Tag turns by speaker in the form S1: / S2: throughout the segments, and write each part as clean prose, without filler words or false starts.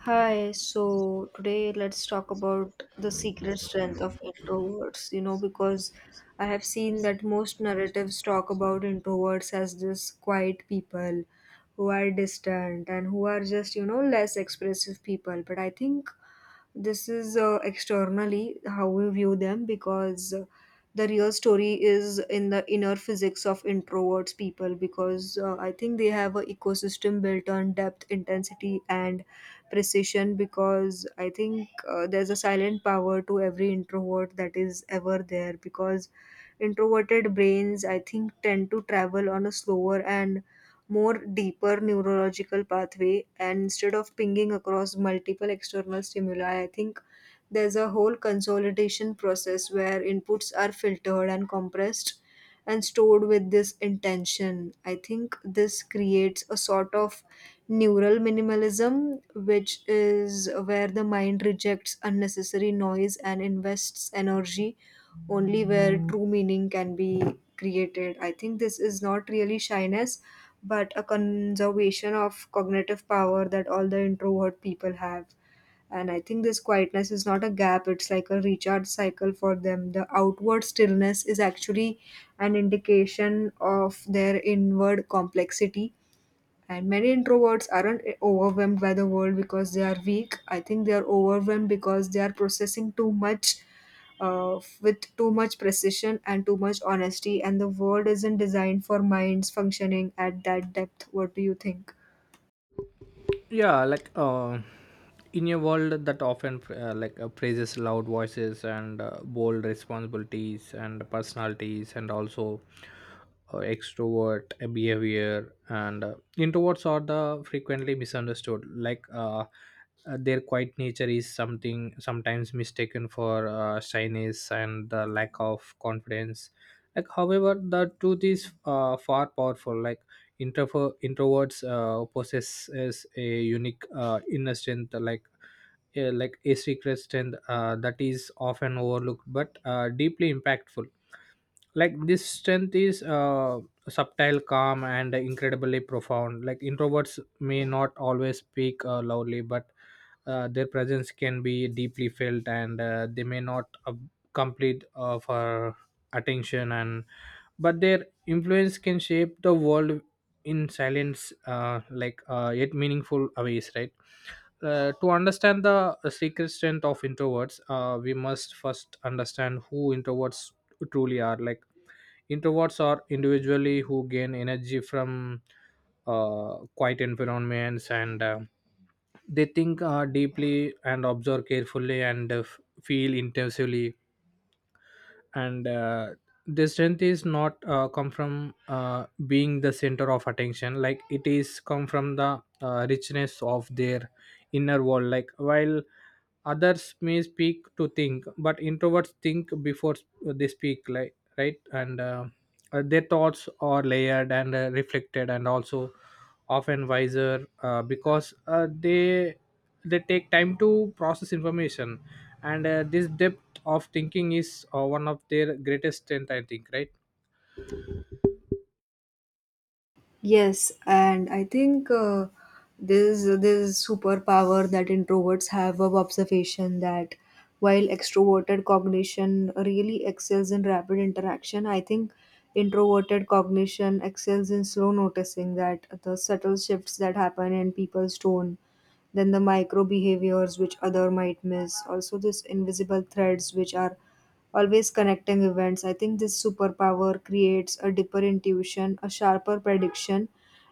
S1: Hi, so today let's talk about the secret strength of introverts, because I have seen that most narratives talk about introverts as this quiet people who are distant and who are just, less expressive people. But I think this is externally how we view them, because the real story is in the inner physics of introverts people, because I think they have an ecosystem built on depth, intensity, and precision, because I think there's a silent power to every introvert that is ever there, because introverted brains I think tend to travel on a slower and more deeper neurological pathway, and instead of pinging across multiple external stimuli, I think there's a whole consolidation process where inputs are filtered and compressed and stored with this intention. I think this creates a sort of neural minimalism, which is where the mind rejects unnecessary noise and invests energy only where true meaning can be created. I think this is not really shyness, but a conservation of cognitive power that all the introvert people have. And I think this quietness is not a gap, it's like a recharge cycle for them. The outward stillness is actually an indication of their inward complexity, and many introverts aren't overwhelmed by the world because they are weak. I think they are overwhelmed because they are processing too much with too much precision and too much honesty. And the world isn't designed for minds functioning at that depth. What do you think?
S2: Yeah. In a world that often praises loud voices and bold responsibilities and personalities, and also extrovert behavior. And introverts are the frequently misunderstood. Their quiet nature is something sometimes mistaken for shyness and the lack of confidence. Like, however, the truth is far powerful. Introverts possess a unique inner strength, like a secret strength that is often overlooked but deeply impactful. Like, this strength is subtle, calm, and incredibly profound. Like, introverts may not always speak loudly, but their presence can be deeply felt. And they may not complete for attention, and but their influence can shape the world in silence, yet meaningful ways, right? To understand the secret strength of introverts, we must first understand who introverts truly are. Like, introverts are individually who gain energy from quiet environments. And they think deeply, and observe carefully, and feel intensively. And the strength is not come from being the center of attention. Like, it is come from the richness of their inner world. Like, while others may speak to think, but introverts think before they speak, like, right. And their thoughts are layered and reflected, and also often wiser because they take time to process information. And this depth of thinking is one of their greatest strength, I think, right?
S1: Yes, and I think this superpower that introverts have of observation, that while extroverted cognition really excels in rapid interaction, I think introverted cognition excels in slow noticing, that the subtle shifts that happen in people's tone, then the micro behaviors which other might miss, also this invisible threads which are always connecting events. I think this superpower creates a deeper intuition, a sharper prediction,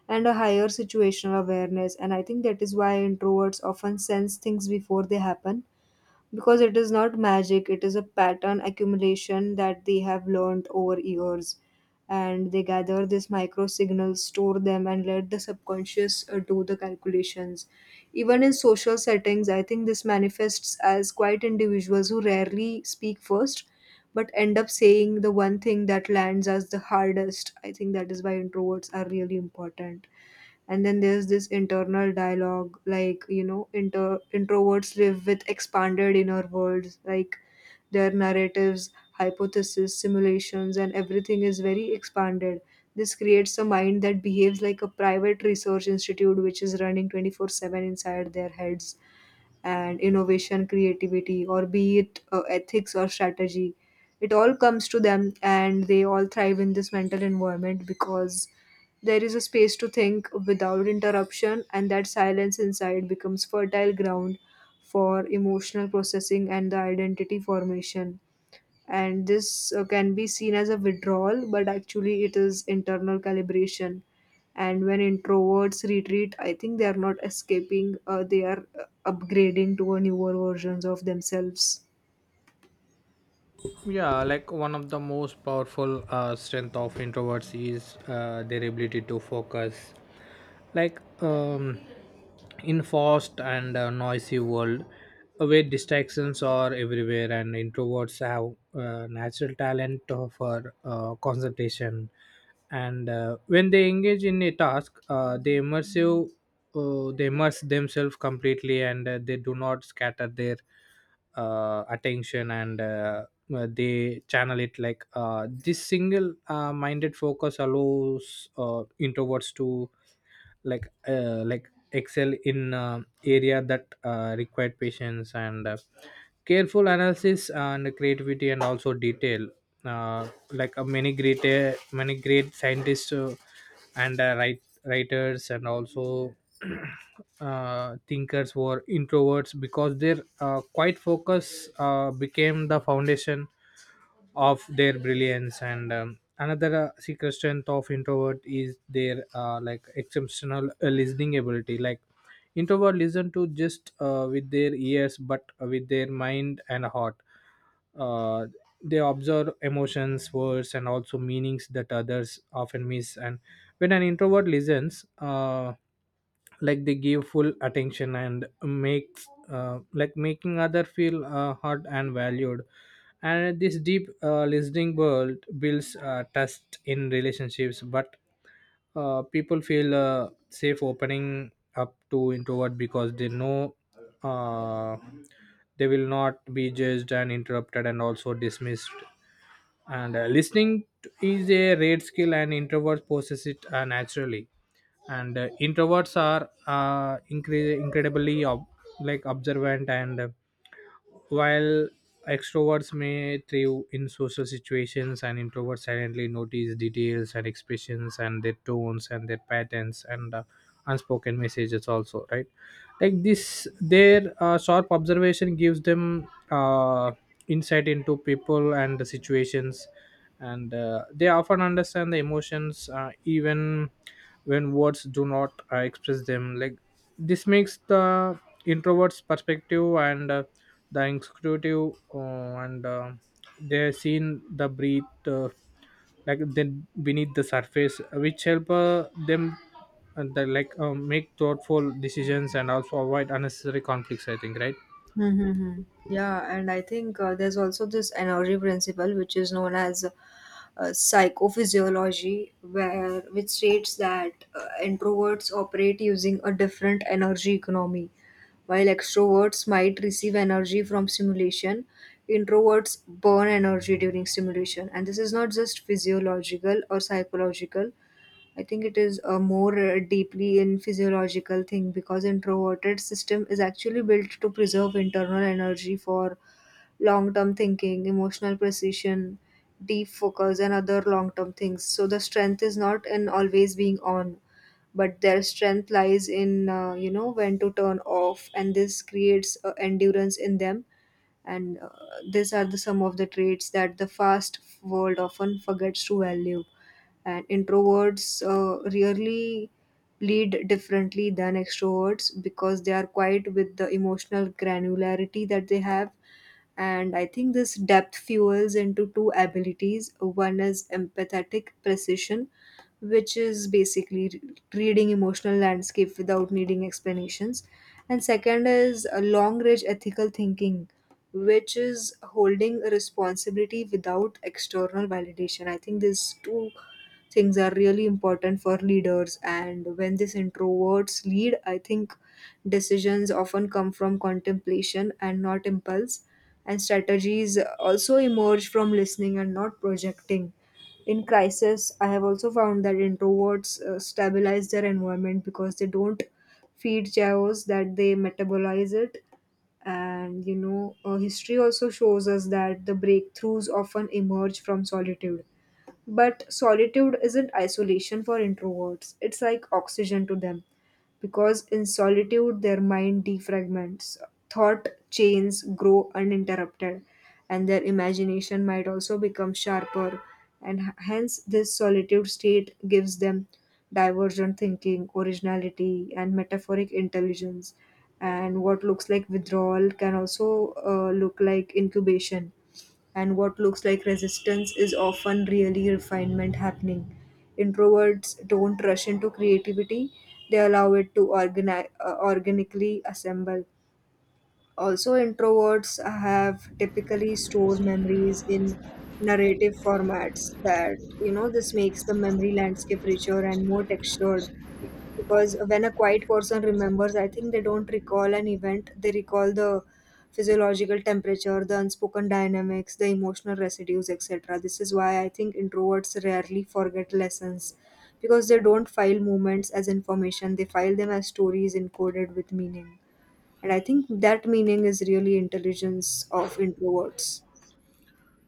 S1: and a higher situational awareness. And I think that is why introverts often sense things before they happen, because it is not magic, it is a pattern accumulation that they have learned over years, and they gather these micro signals, store them, and let the subconscious do the calculations. Even in social settings, I think this manifests as quiet individuals who rarely speak first but end up saying the one thing that lands as the hardest. I think that is why introverts are really important. And then there's this internal dialogue, like introverts live with expanded inner worlds, like their narratives, hypotheses, simulations, and everything is very expanded. This creates a mind that behaves like a private research institute which is running 24/7 inside their heads, and innovation, creativity, or be it ethics or strategy. It all comes to them, and they all thrive in this mental environment, because there is a space to think without interruption, and that silence inside becomes fertile ground for emotional processing and the identity formation. And this can be seen as a withdrawal, but actually it is internal calibration. And when introverts retreat, I think they are not escaping, they are upgrading to a newer versions of themselves.
S2: Yeah like One of the most powerful strength of introverts is their ability to focus, like um in fast and noisy world, where distractions are everywhere. And introverts have natural talent for concentration. And when they engage in a task, they immersive, they immerse themselves completely. And they do not scatter their attention, and they channel it. Like, this single minded focus allows introverts to excel in area that required patience and careful analysis and creativity, and also detail. Many great many great scientists, and writers, and also thinkers were introverts because their quiet focus became the foundation of their brilliance. And another secret strength of introvert is their exceptional listening ability. Like, introvert listen to just with their ears, but with their mind and heart. uh, they observe emotions, words, and also meanings that others often miss. And when an introvert listens, like, they give full attention and makes making other feel heard and valued. And this deep listening world builds trust in relationships. But people feel safe opening up to introvert because they know uh, they will not be judged and interrupted, and also dismissed. And listening is a rare skill, and introverts possess it naturally. And introverts are incredibly observant. And while extroverts may thrive in social situations, and introverts silently notice details, and expressions, and their tones, and their patterns, and unspoken messages also, right? Like, this their sharp observation gives them insight into people and the situations. And they often understand the emotions even when words do not express them. Like, this makes the introvert's perspective and the inquisitive, and they're seen the breathe, like then beneath the surface, which help them and the, like, make thoughtful decisions and also avoid unnecessary conflicts, I think, right?
S1: Mm-hmm. Yeah, and I think there's also this energy principle, which is known as psychophysiology, where which states that introverts operate using a different energy economy. While extroverts might receive energy from stimulation, introverts burn energy during stimulation. And this is not just physiological or psychological, I think it is a more deeply in physiological thing, because introverted system is actually built to preserve internal energy for long-term thinking, emotional precision, deep focus, and other long-term things. So the strength is not in always being on, but their strength lies in you know when to turn off, and this creates endurance in them. And these are the some of the traits that the fast world often forgets to value, and introverts rarely lead differently than extroverts, because they are quiet with the emotional granularity that they have. And I think this depth fuels into two abilities. One is empathetic precision, which is basically reading emotional landscape without needing explanations, and second is a long range ethical thinking, which is holding a responsibility without external validation. I think these two things are really important for leaders, and when these introverts lead, I think decisions often come from contemplation and not impulse, and strategies also emerge from listening and not projecting. In crisis, I have also found that introverts stabilize their environment, because they don't feed chaos, that they metabolize it. And history also shows us that the breakthroughs often emerge from solitude. But solitude isn't isolation for introverts, it's like oxygen to them, because in solitude their mind defragments, thought chains grow uninterrupted, and their imagination might also become sharper. And hence, this solitude state gives them divergent thinking, originality, and metaphoric intelligence. And what looks like withdrawal can also look like incubation, and what looks like resistance is often really refinement happening. Introverts don't rush into creativity, they allow it to organically assemble. Also, introverts have typically stored memories in narrative formats that, this makes the memory landscape richer and more textured, because when a quiet person remembers, I think they don't recall an event, they recall the physiological temperature, the unspoken dynamics, the emotional residues, etc. This is why I think introverts rarely forget lessons, because they don't file moments as information, they file them as stories encoded with meaning. And I think that meaning is really intelligence of introverts.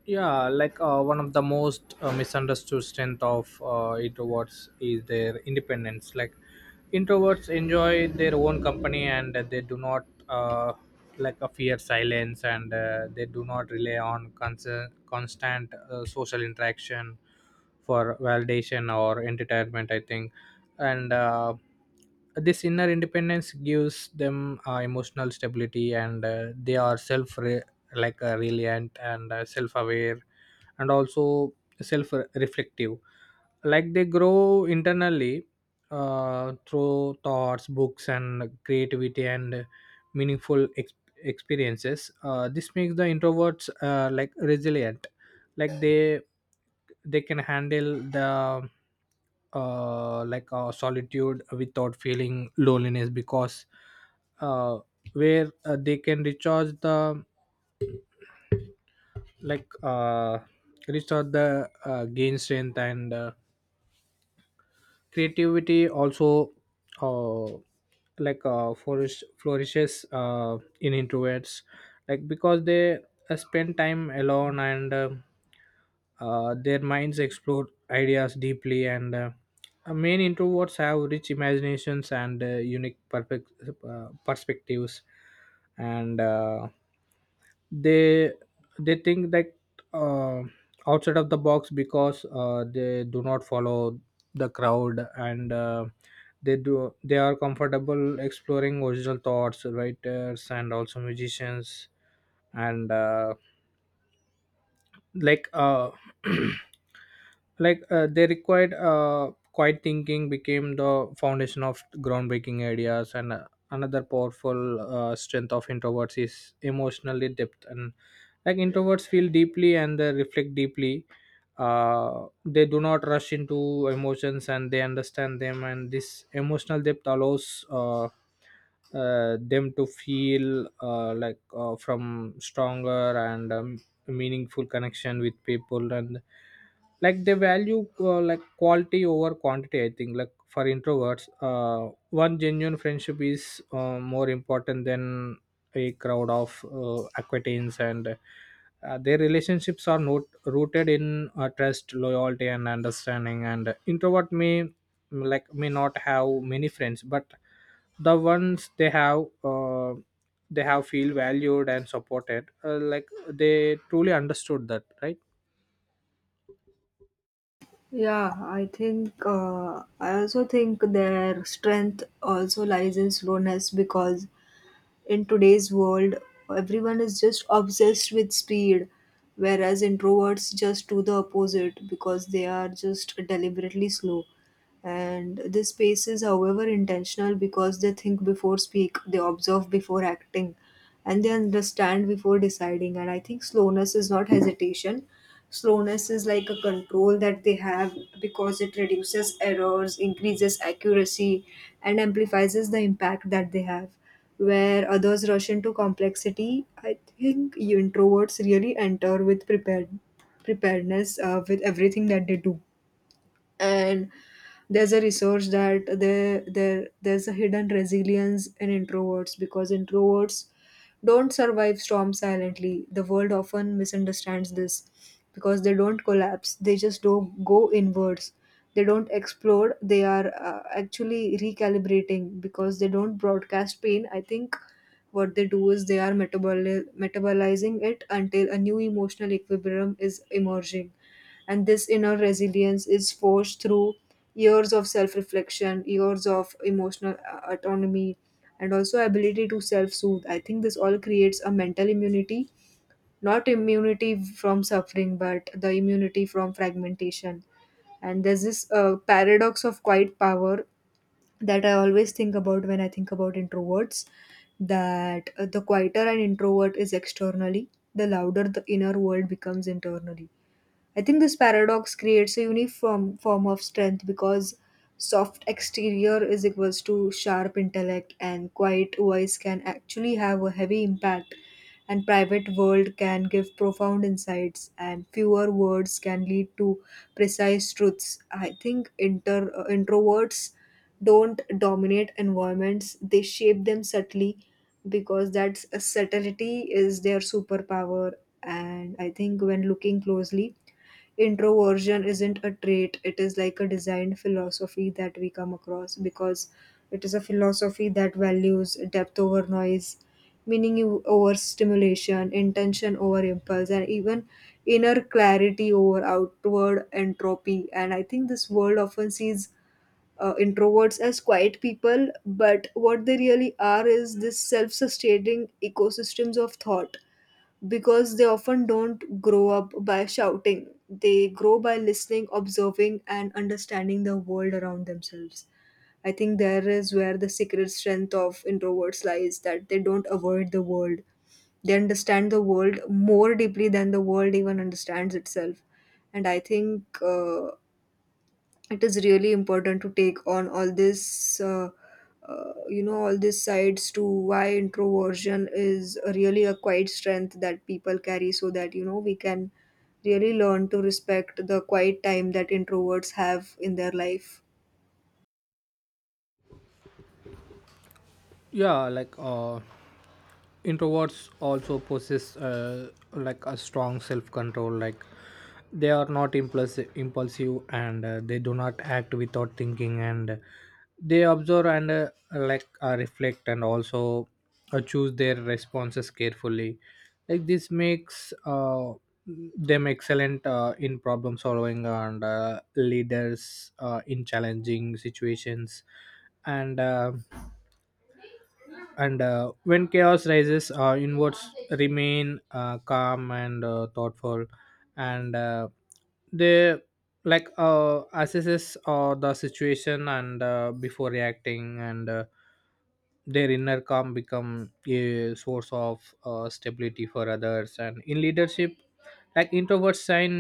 S2: Yeah. One of the most misunderstood strength of introverts is their independence. Like, introverts enjoy their own company, and they do not like a fear silence. And they do not rely on constant social interaction for validation or entertainment, I think. And this inner independence gives them emotional stability. And they are self, resilient, and self-aware, and also self-reflective. Like, they grow internally through thoughts, books, and creativity, and meaningful experiences. This makes the introverts resilient. Like, they can handle the solitude without feeling loneliness, because uh, where they can recharge the, like uh, restore the, gain strength, and creativity also uh, flourishes in introverts. Like, because they spend time alone. And their minds explore ideas deeply. And main introverts have rich imaginations and unique perspectives. And they they think that uh, outside of the box, because they do not follow the crowd. And they are comfortable exploring original thoughts, writers, and also musicians. And like uh they required quiet thinking became the foundation of groundbreaking ideas. And another powerful strength of introverts is emotionally depth. And, like, introverts feel deeply, and they reflect deeply. They do not rush into emotions, and they understand them. And this emotional depth allows them to feel from stronger and meaningful connection with people. And, like, they value like, quality over quantity, I think. Like, for introverts, one genuine friendship is more important than a crowd of acquaintance. And their relationships are not rooted in trust, loyalty, and understanding. And introvert may, like, may not have many friends, but the ones they have feel valued and supported, like they truly understood that, right?
S1: Yeah, I think I also think their strength also lies in slowness, because in today's world everyone is just obsessed with speed, whereas introverts just do the opposite because they are just deliberately slow. And this pace is however intentional, because they think before speak, they observe before acting, and they understand before deciding. And I think slowness is not hesitation, slowness is like a control that they have, because it reduces errors, increases accuracy, and amplifies the impact that they have. Where others rush into complexity, I think you introverts really enter with preparedness with everything that they do. And there's a research that there's a hidden resilience in introverts, because introverts don't survive storms silently. The world often misunderstands this, because they don't collapse, they just don't go inwards, they don't explode, they are actually recalibrating, because they don't broadcast pain. I think what they do is they are metabolizing it until a new emotional equilibrium is emerging. And this inner resilience is forged through years of self reflection, years of emotional autonomy, and also ability to self soothe. I think this all creates a mental immunity, not immunity from suffering, but the immunity from fragmentation. And there's this paradox of quiet power that I always think about when I think about introverts, that the quieter an introvert is externally, the louder the inner world becomes internally. I think this paradox creates a unique form of strength, because soft exterior is equals to sharp intellect, and quiet voice can actually have a heavy impact, and private world can give profound insights, and fewer words can lead to precise truths. I think introverts don't dominate environments, they shape them subtly, because that subtlety is their superpower. And I think when looking closely, introversion isn't a trait, it is like a designed philosophy that we come across, because it is a philosophy that values depth over noise, meaning over stimulation, intention over impulse, and even inner clarity over outward entropy. And I think this world often sees introverts as quiet people, but what they really are is this self-sustaining ecosystems of thought, because they often don't grow up by shouting. They grow by listening, observing, and understanding the world around themselves. I think there is where the secret strength of introverts lies, that they don't avoid the world. They understand the world more deeply than the world even understands itself. And I think it is really important to take on all this all these sides to why introversion is really a quiet strength that people carry, so that we can really learn to respect the quiet time that introverts have in their life.
S2: Yeah. Introverts also possess like a strong self control. Like, they are not impulsive and they do not act without thinking. And they observe, and reflect, and also choose their responses carefully. Like, this makes them excellent in problem solving, and leaders in challenging situations. And uh, and uh, when chaos rises, inwards remain calm and thoughtful. And they, assesses the situation and before reacting. And their inner calm become a source of stability for others. And in leadership, like, introverts shine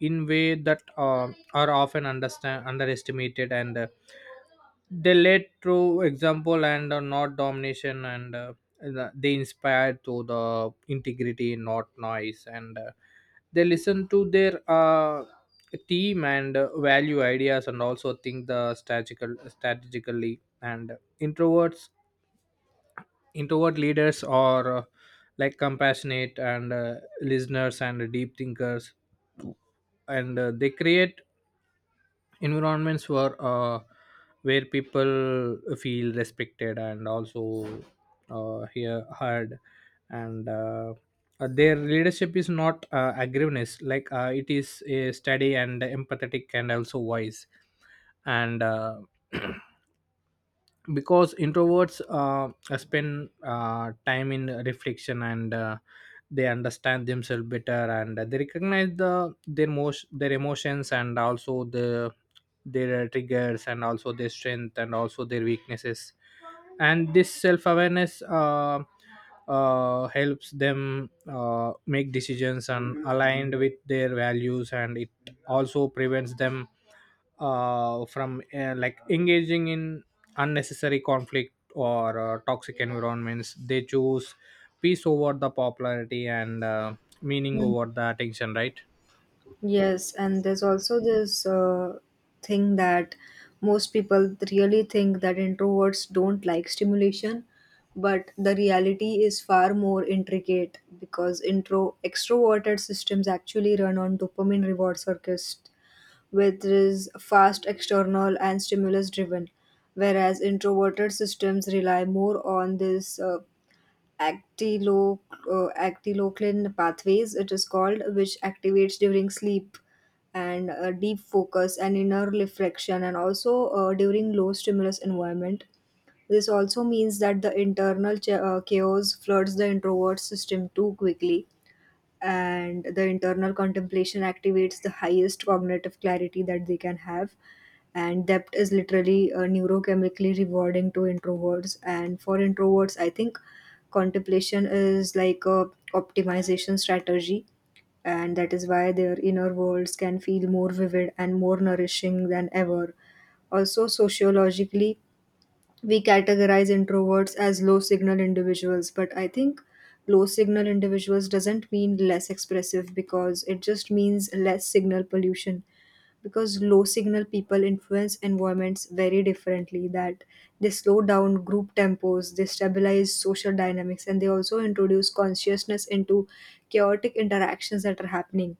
S2: in way that are often understand underestimated. And they led through example and not domination. And they inspired through the integrity, not noise. And they listen to their team, and value ideas, and also think the strategically. And introverts introvert leaders are like compassionate, and listeners, and deep thinkers. And they create environments were where people feel respected, and also heard. And their leadership is not aggressiveness. It is a steady and empathetic, and also wise. And because introverts spend time in reflection. And they understand themselves better, and they recognize their emotions, and also the their triggers, and also their strength, and also their weaknesses. And this self-awareness helps them make decisions and aligned with their values. And it also prevents them from engaging in unnecessary conflict or toxic environments. They choose peace over the popularity, and meaning over the attention, right?
S1: Yes, and there's also this thing that most people really think that introverts don't like stimulation, but the reality is far more intricate, because intro extroverted systems actually run on dopamine reward circuits, which is fast, external, and stimulus driven, whereas introverted systems rely more on this actiloc- actiloclin pathways, it is called, which activates during sleep and deep focus and inner reflection and also during low stimulus environment. This also means that the internal chaos floods the introvert system too quickly, and the internal contemplation activates the highest cognitive clarity that they can have. And depth is literally neurochemically rewarding to introverts, and for introverts I think contemplation is like a optimization strategy, and that is why their inner worlds can feel more vivid and more nourishing than ever. Also sociologically, we categorize introverts as low signal individuals, but I think low signal individuals doesn't mean less expressive, because it just means less signal pollution. Because low signal people influence environments very differently, that they slow down group tempos, they stabilize social dynamics, and they also introduce consciousness into chaotic interactions that are happening.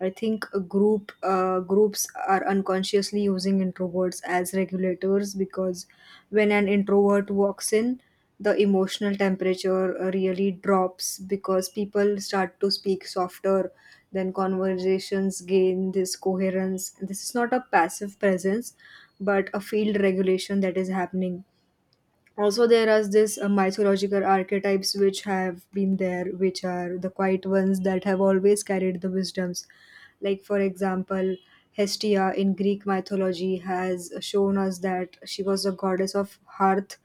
S1: I think a groups are unconsciously using introverts as regulators, because when an introvert walks in, the emotional temperature really drops because people start to speak softer. Then conversations gain this coherence. This is not a passive presence, but a field regulation that is happening. Also, there are this mythological archetypes which have been there, which are the quiet ones that have always carried the wisdoms. Like for example, Hestia in Greek mythology has shown us that she was a goddess of hearth,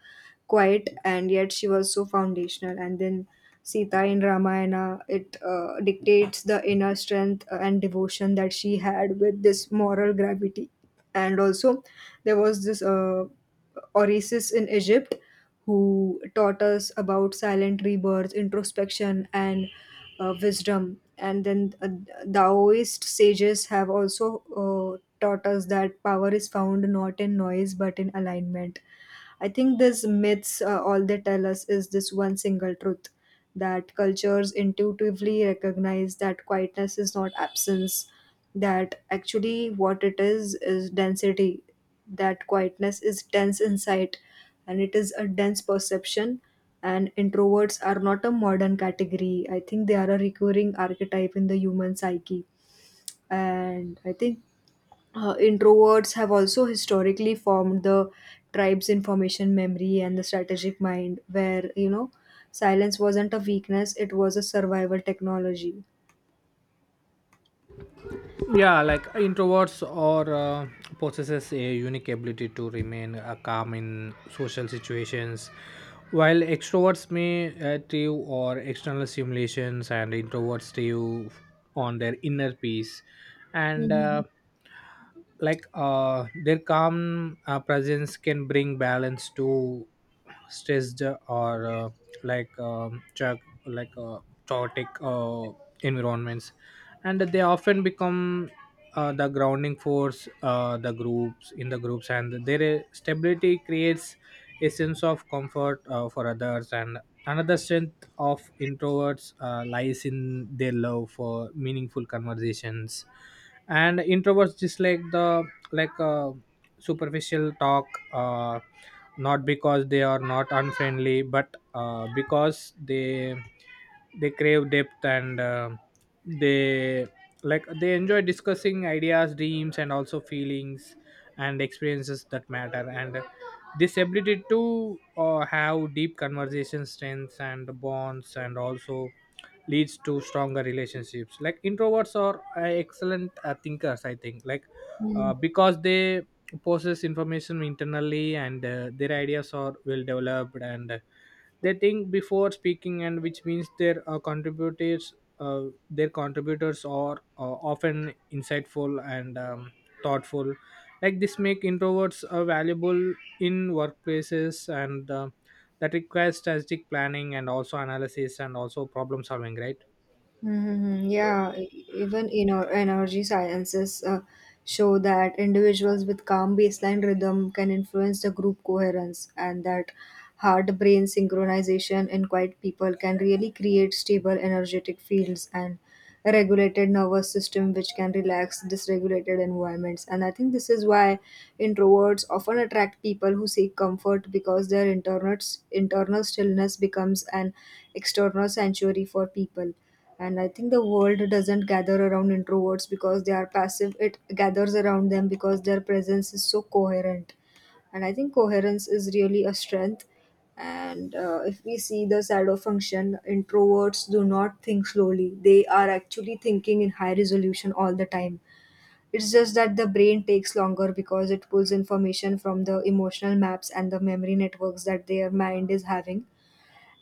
S1: quiet and yet she was so foundational. And then Sita in Ramayana, it dictates the inner strength and devotion that she had with this moral gravity. And also, there was this oasis in Egypt who taught us about silent rebirth, introspection, and wisdom. And then Taoist sages have also taught us that power is found not in noise but in alignment. I think these myths, all they tell us is this one single truth, that cultures intuitively recognize that quietness is not absence, that actually what it is density, that quietness is dense insight and it is a dense perception. And introverts are not a modern category. I think they are a recurring archetype in the human psyche. And I think introverts have also historically formed the tribe's information memory and the strategic mind, where, silence wasn't a weakness, it was a survival technology.
S2: Yeah. Introverts or possesses a unique ability to remain calm in social situations. While extroverts may thrive or external stimulations, and introverts thrive on their inner peace. And their calm presence can bring balance to stressed, or like um, chag- like uh, chaotic environments. And they often become the grounding force the groups in the groups. And their stability creates a sense of comfort for others. And another strength of introverts lies in their love for meaningful conversations. And introverts dislike the like uh, superficial talk, uh, not because they are not unfriendly, but because they crave depth. And they like, they enjoy discussing ideas, dreams, and also feelings and experiences that matter. And this ability to have deep conversation strengths and bonds, and also leads to stronger relationships. Like, introverts are excellent thinkers, I think. Like,
S1: Mhm.
S2: because they process information internally. And their ideas are well developed. And they think before speaking, and which means their contributors uh, their contributors are often insightful and thoughtful. Like, this make introverts valuable in workplaces, and that requires strategic planning, and also analysis, and also problem solving, right?
S1: Mm-hmm. Yeah, even in our energy sciences show that individuals with calm baseline rhythm can influence the group coherence, and that heart brain synchronization in quiet people can really create stable energetic fields and a regulated nervous system which can relax dysregulated environments. And I think this is why introverts often attract people who seek comfort, because their internal stillness becomes an external sanctuary for people. And I think the world doesn't gather around introverts because they are passive, it gathers around them because their presence is so coherent. And I think coherence is really a strength. And if we see the shadow function, introverts do not think slowly, they are actually thinking in high resolution all the time. It's just that the brain takes longer because it pulls information from the emotional maps and the memory networks that their mind is having.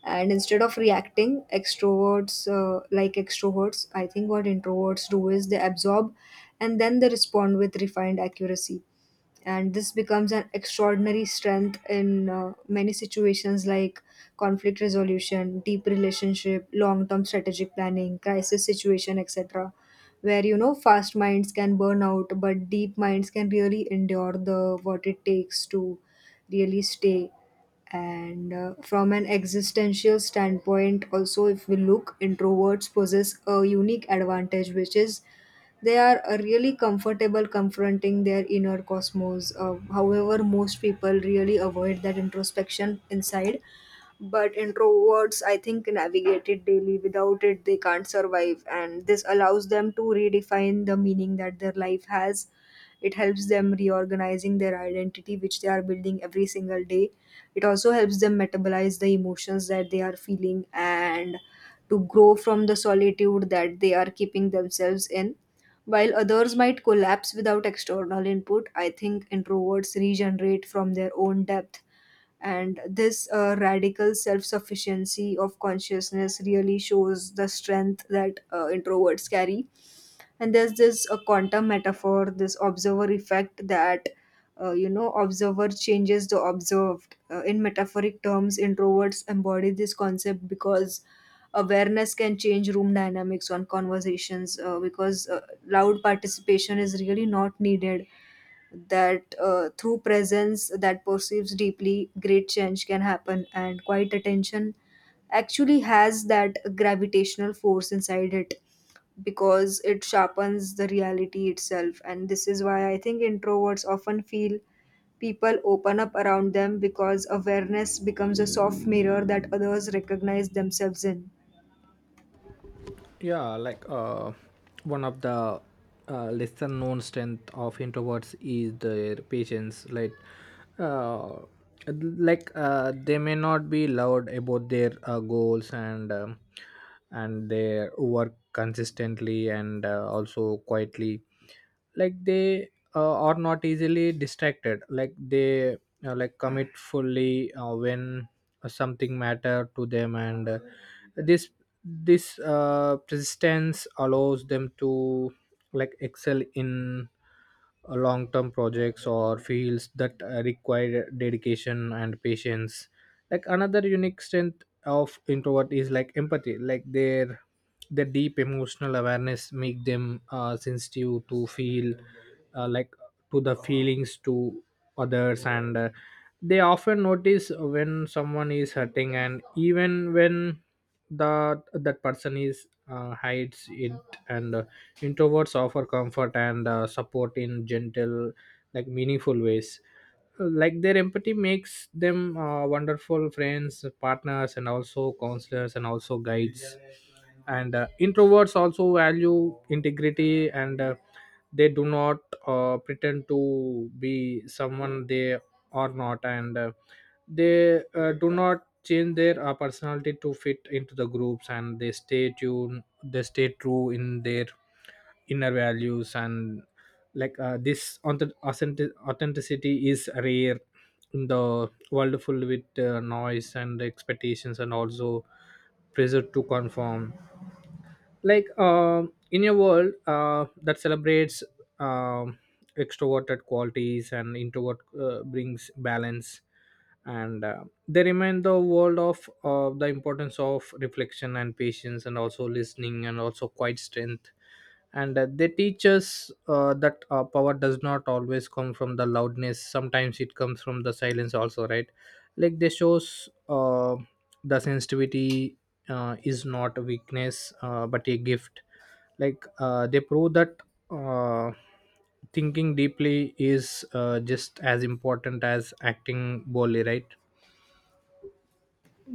S1: And instead of reacting extroverts, I think what introverts do is they absorb and then they respond with refined accuracy. And this becomes an extraordinary strength in many situations, like conflict resolution, deep relationship, long term strategic planning, crisis situation, etc., where fast minds can burn out but deep minds can really endure the what it takes to really stay. And from an existential standpoint also, if we look, introverts possess a unique advantage, which is they are really comfortable confronting their inner cosmos. However, most people really avoid that introspection inside, but introverts, I think, navigate it daily. Without it they can't survive, and this allows them to redefine the meaning that their life has. It helps them reorganizing their identity which they are building every single day. It also helps them metabolize the emotions that they are feeling, and to grow from the solitude that they are keeping themselves in. While others might collapse without external input, I think introverts regenerate from their own depth. And this radical self sufficiency of consciousness really shows the strength that introverts carry. And there's this quantum metaphor, this observer effect that, observer changes the observed. In metaphoric terms, introverts embody this concept, because awareness can change room dynamics on conversations because loud participation is really not needed, that through presence that perceives deeply, great change can happen, and quiet attention actually has that gravitational force inside it, because it sharpens the reality itself. And this is why I think introverts often feel people open up around them, because awareness becomes a soft mirror that others recognize themselves in.
S2: Yeah. One of the lesser known strength of introverts is their patience. Uh, they may not be loud about their goals. And their work consistently, and also quietly. Like, they are not easily distracted. Like, they commit fully when something matter to them. And this this persistence allows them to, like, excel in long-term projects or fields that require dedication and patience. Like, another unique strength of introvert is, like, empathy. Like, their deep emotional awareness make them sensitive to feel, uh, like to the feelings to others. And they often notice when someone is hurting, and even when that person is hides it. And introverts offer comfort and support in gentle, like, meaningful ways. Like, their empathy makes them wonderful friends, partners, and also counselors, and also guides. And introverts also value integrity. And they do not pretend to be someone they are not. And they do not change their personality to fit into the groups. And they stay true in their inner values. And this authenticity is rare in the world full with noise, and expectations, and also pressure to conform. In a world that celebrates um, extroverted qualities, and introvert brings balance. And they remind the world of the importance of reflection, and patience, and also listening, and also quiet strength. And they teach us that power does not always come from the loudness. Sometimes it comes from the silence also, right? Like, they shows the sensitivity is not a weakness, but a gift. They prove that uh, thinking deeply is just as important as acting boldly, right?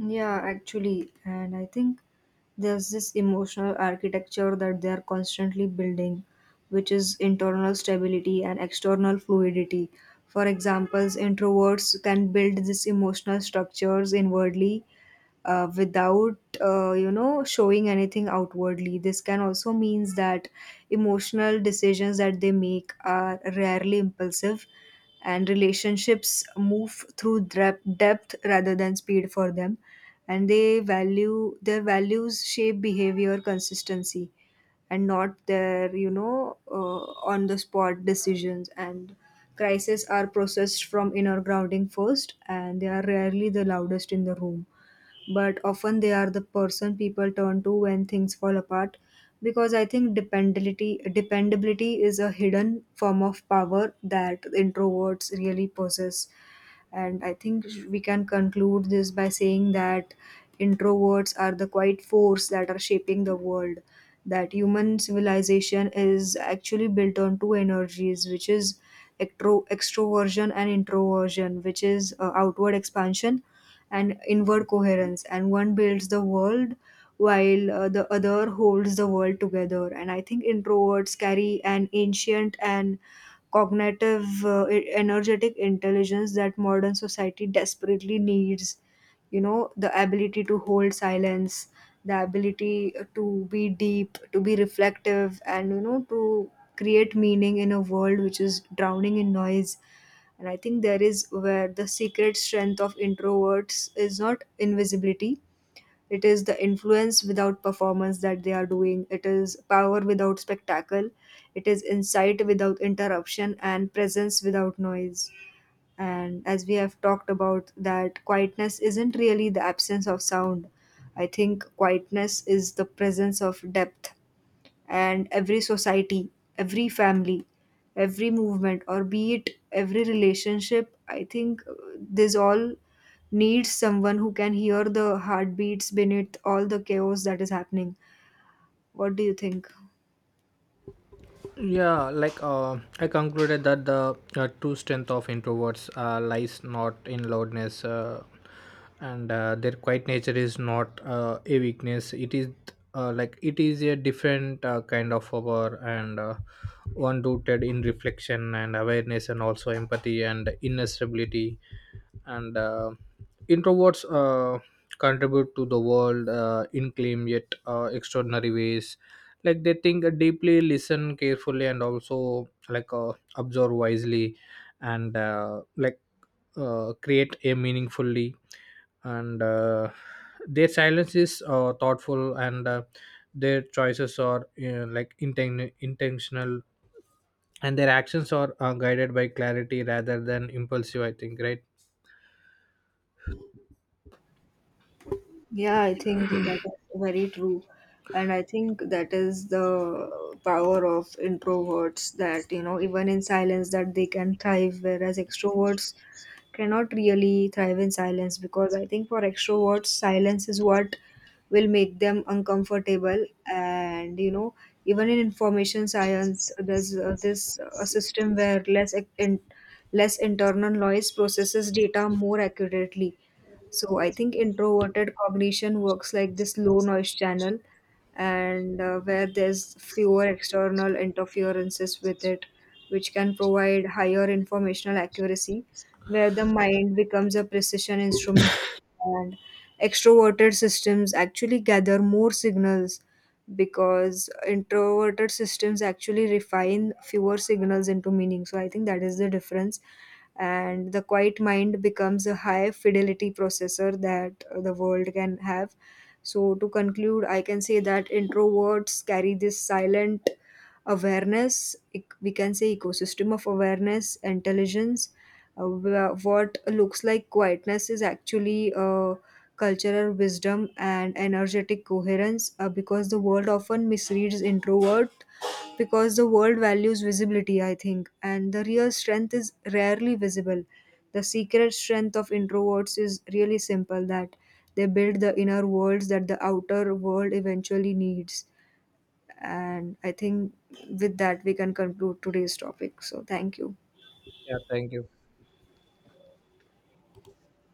S1: Yeah, actually, and I think there's this emotional architecture that they are constantly building, which is internal stability and external fluidity. For examples, introverts can build these emotional structures inwardly, without showing anything outwardly. This can also means that emotional decisions that they make are rarely impulsive, and relationships move through depth rather than speed for them. And they value their values shape behavior consistency, and not their, on the spot decisions. And crises are processed from inner grounding first, and they are rarely the loudest in the room. But often they are the person people turn to when things fall apart, because I think dependability is a hidden form of power that introverts really possess. And I think we can conclude this by saying that introverts are the quiet force that are shaping the world, that human civilization is actually built on two energies, which is extroversion and introversion, which is outward expansion and inward coherence. And one builds the world while the other holds the world together. And I think introverts carry an ancient and cognitive, energetic intelligence that modern society desperately needs. The ability to hold silence, the ability to be deep, to be reflective, and to create meaning in a world which is drowning in noise. And I think there is where the secret strength of introverts is not invisibility, it is the influence without performance that they are doing, it is power without spectacle, it is insight without interruption and presence without noise. And as we have talked about, that quietness isn't really the absence of sound, I think quietness is the presence of depth. And every society, every family, every movement, or be it every relationship, I think this all needs someone who can hear the heartbeats beneath all the chaos that is happening. What do you think?
S2: Yeah. I concluded that the true strength of introverts lies not in loudness. And their quiet nature is not a weakness. It is it is a different kind of power, and one rooted in reflection, and awareness, and also empathy, and inner stability. And introverts contribute to the world in claim yet extraordinary ways. Like, they think deeply, listen carefully, and also, observe wisely. And create a meaningfully. And their silence is thoughtful. And their choices are intentional. And their actions are guided by clarity rather than impulsive, I think, right?
S1: Yeah, I think that is very true. And I think that is the power of introverts that, even in silence that they can thrive, whereas extroverts cannot really thrive in silence, because I think for extroverts, silence is what will make them uncomfortable. And, even in information science, there's this a system where less internal noise processes data more accurately. So I think introverted cognition works like this low noise channel, and where there's fewer external interferences with it, which can provide higher informational accuracy, where the mind becomes a precision instrument. And extroverted systems actually gather more signals because introverted systems actually refine fewer signals into meaning. So I think that is the difference. And the quiet mind becomes a high fidelity processor that the world can have. So, to conclude, I can say that introverts carry this silent awareness, we can say ecosystem of awareness, intelligence. What looks like quietness is actually cultural wisdom and energetic coherence, because the world often misreads introvert, because the world values visibility, I think, and the real strength is rarely visible. The secret strength of introverts is really simple, that they build the inner worlds that the outer world eventually needs. And I think with that, we can conclude today's topic. So, thank you.
S2: Yeah, thank you.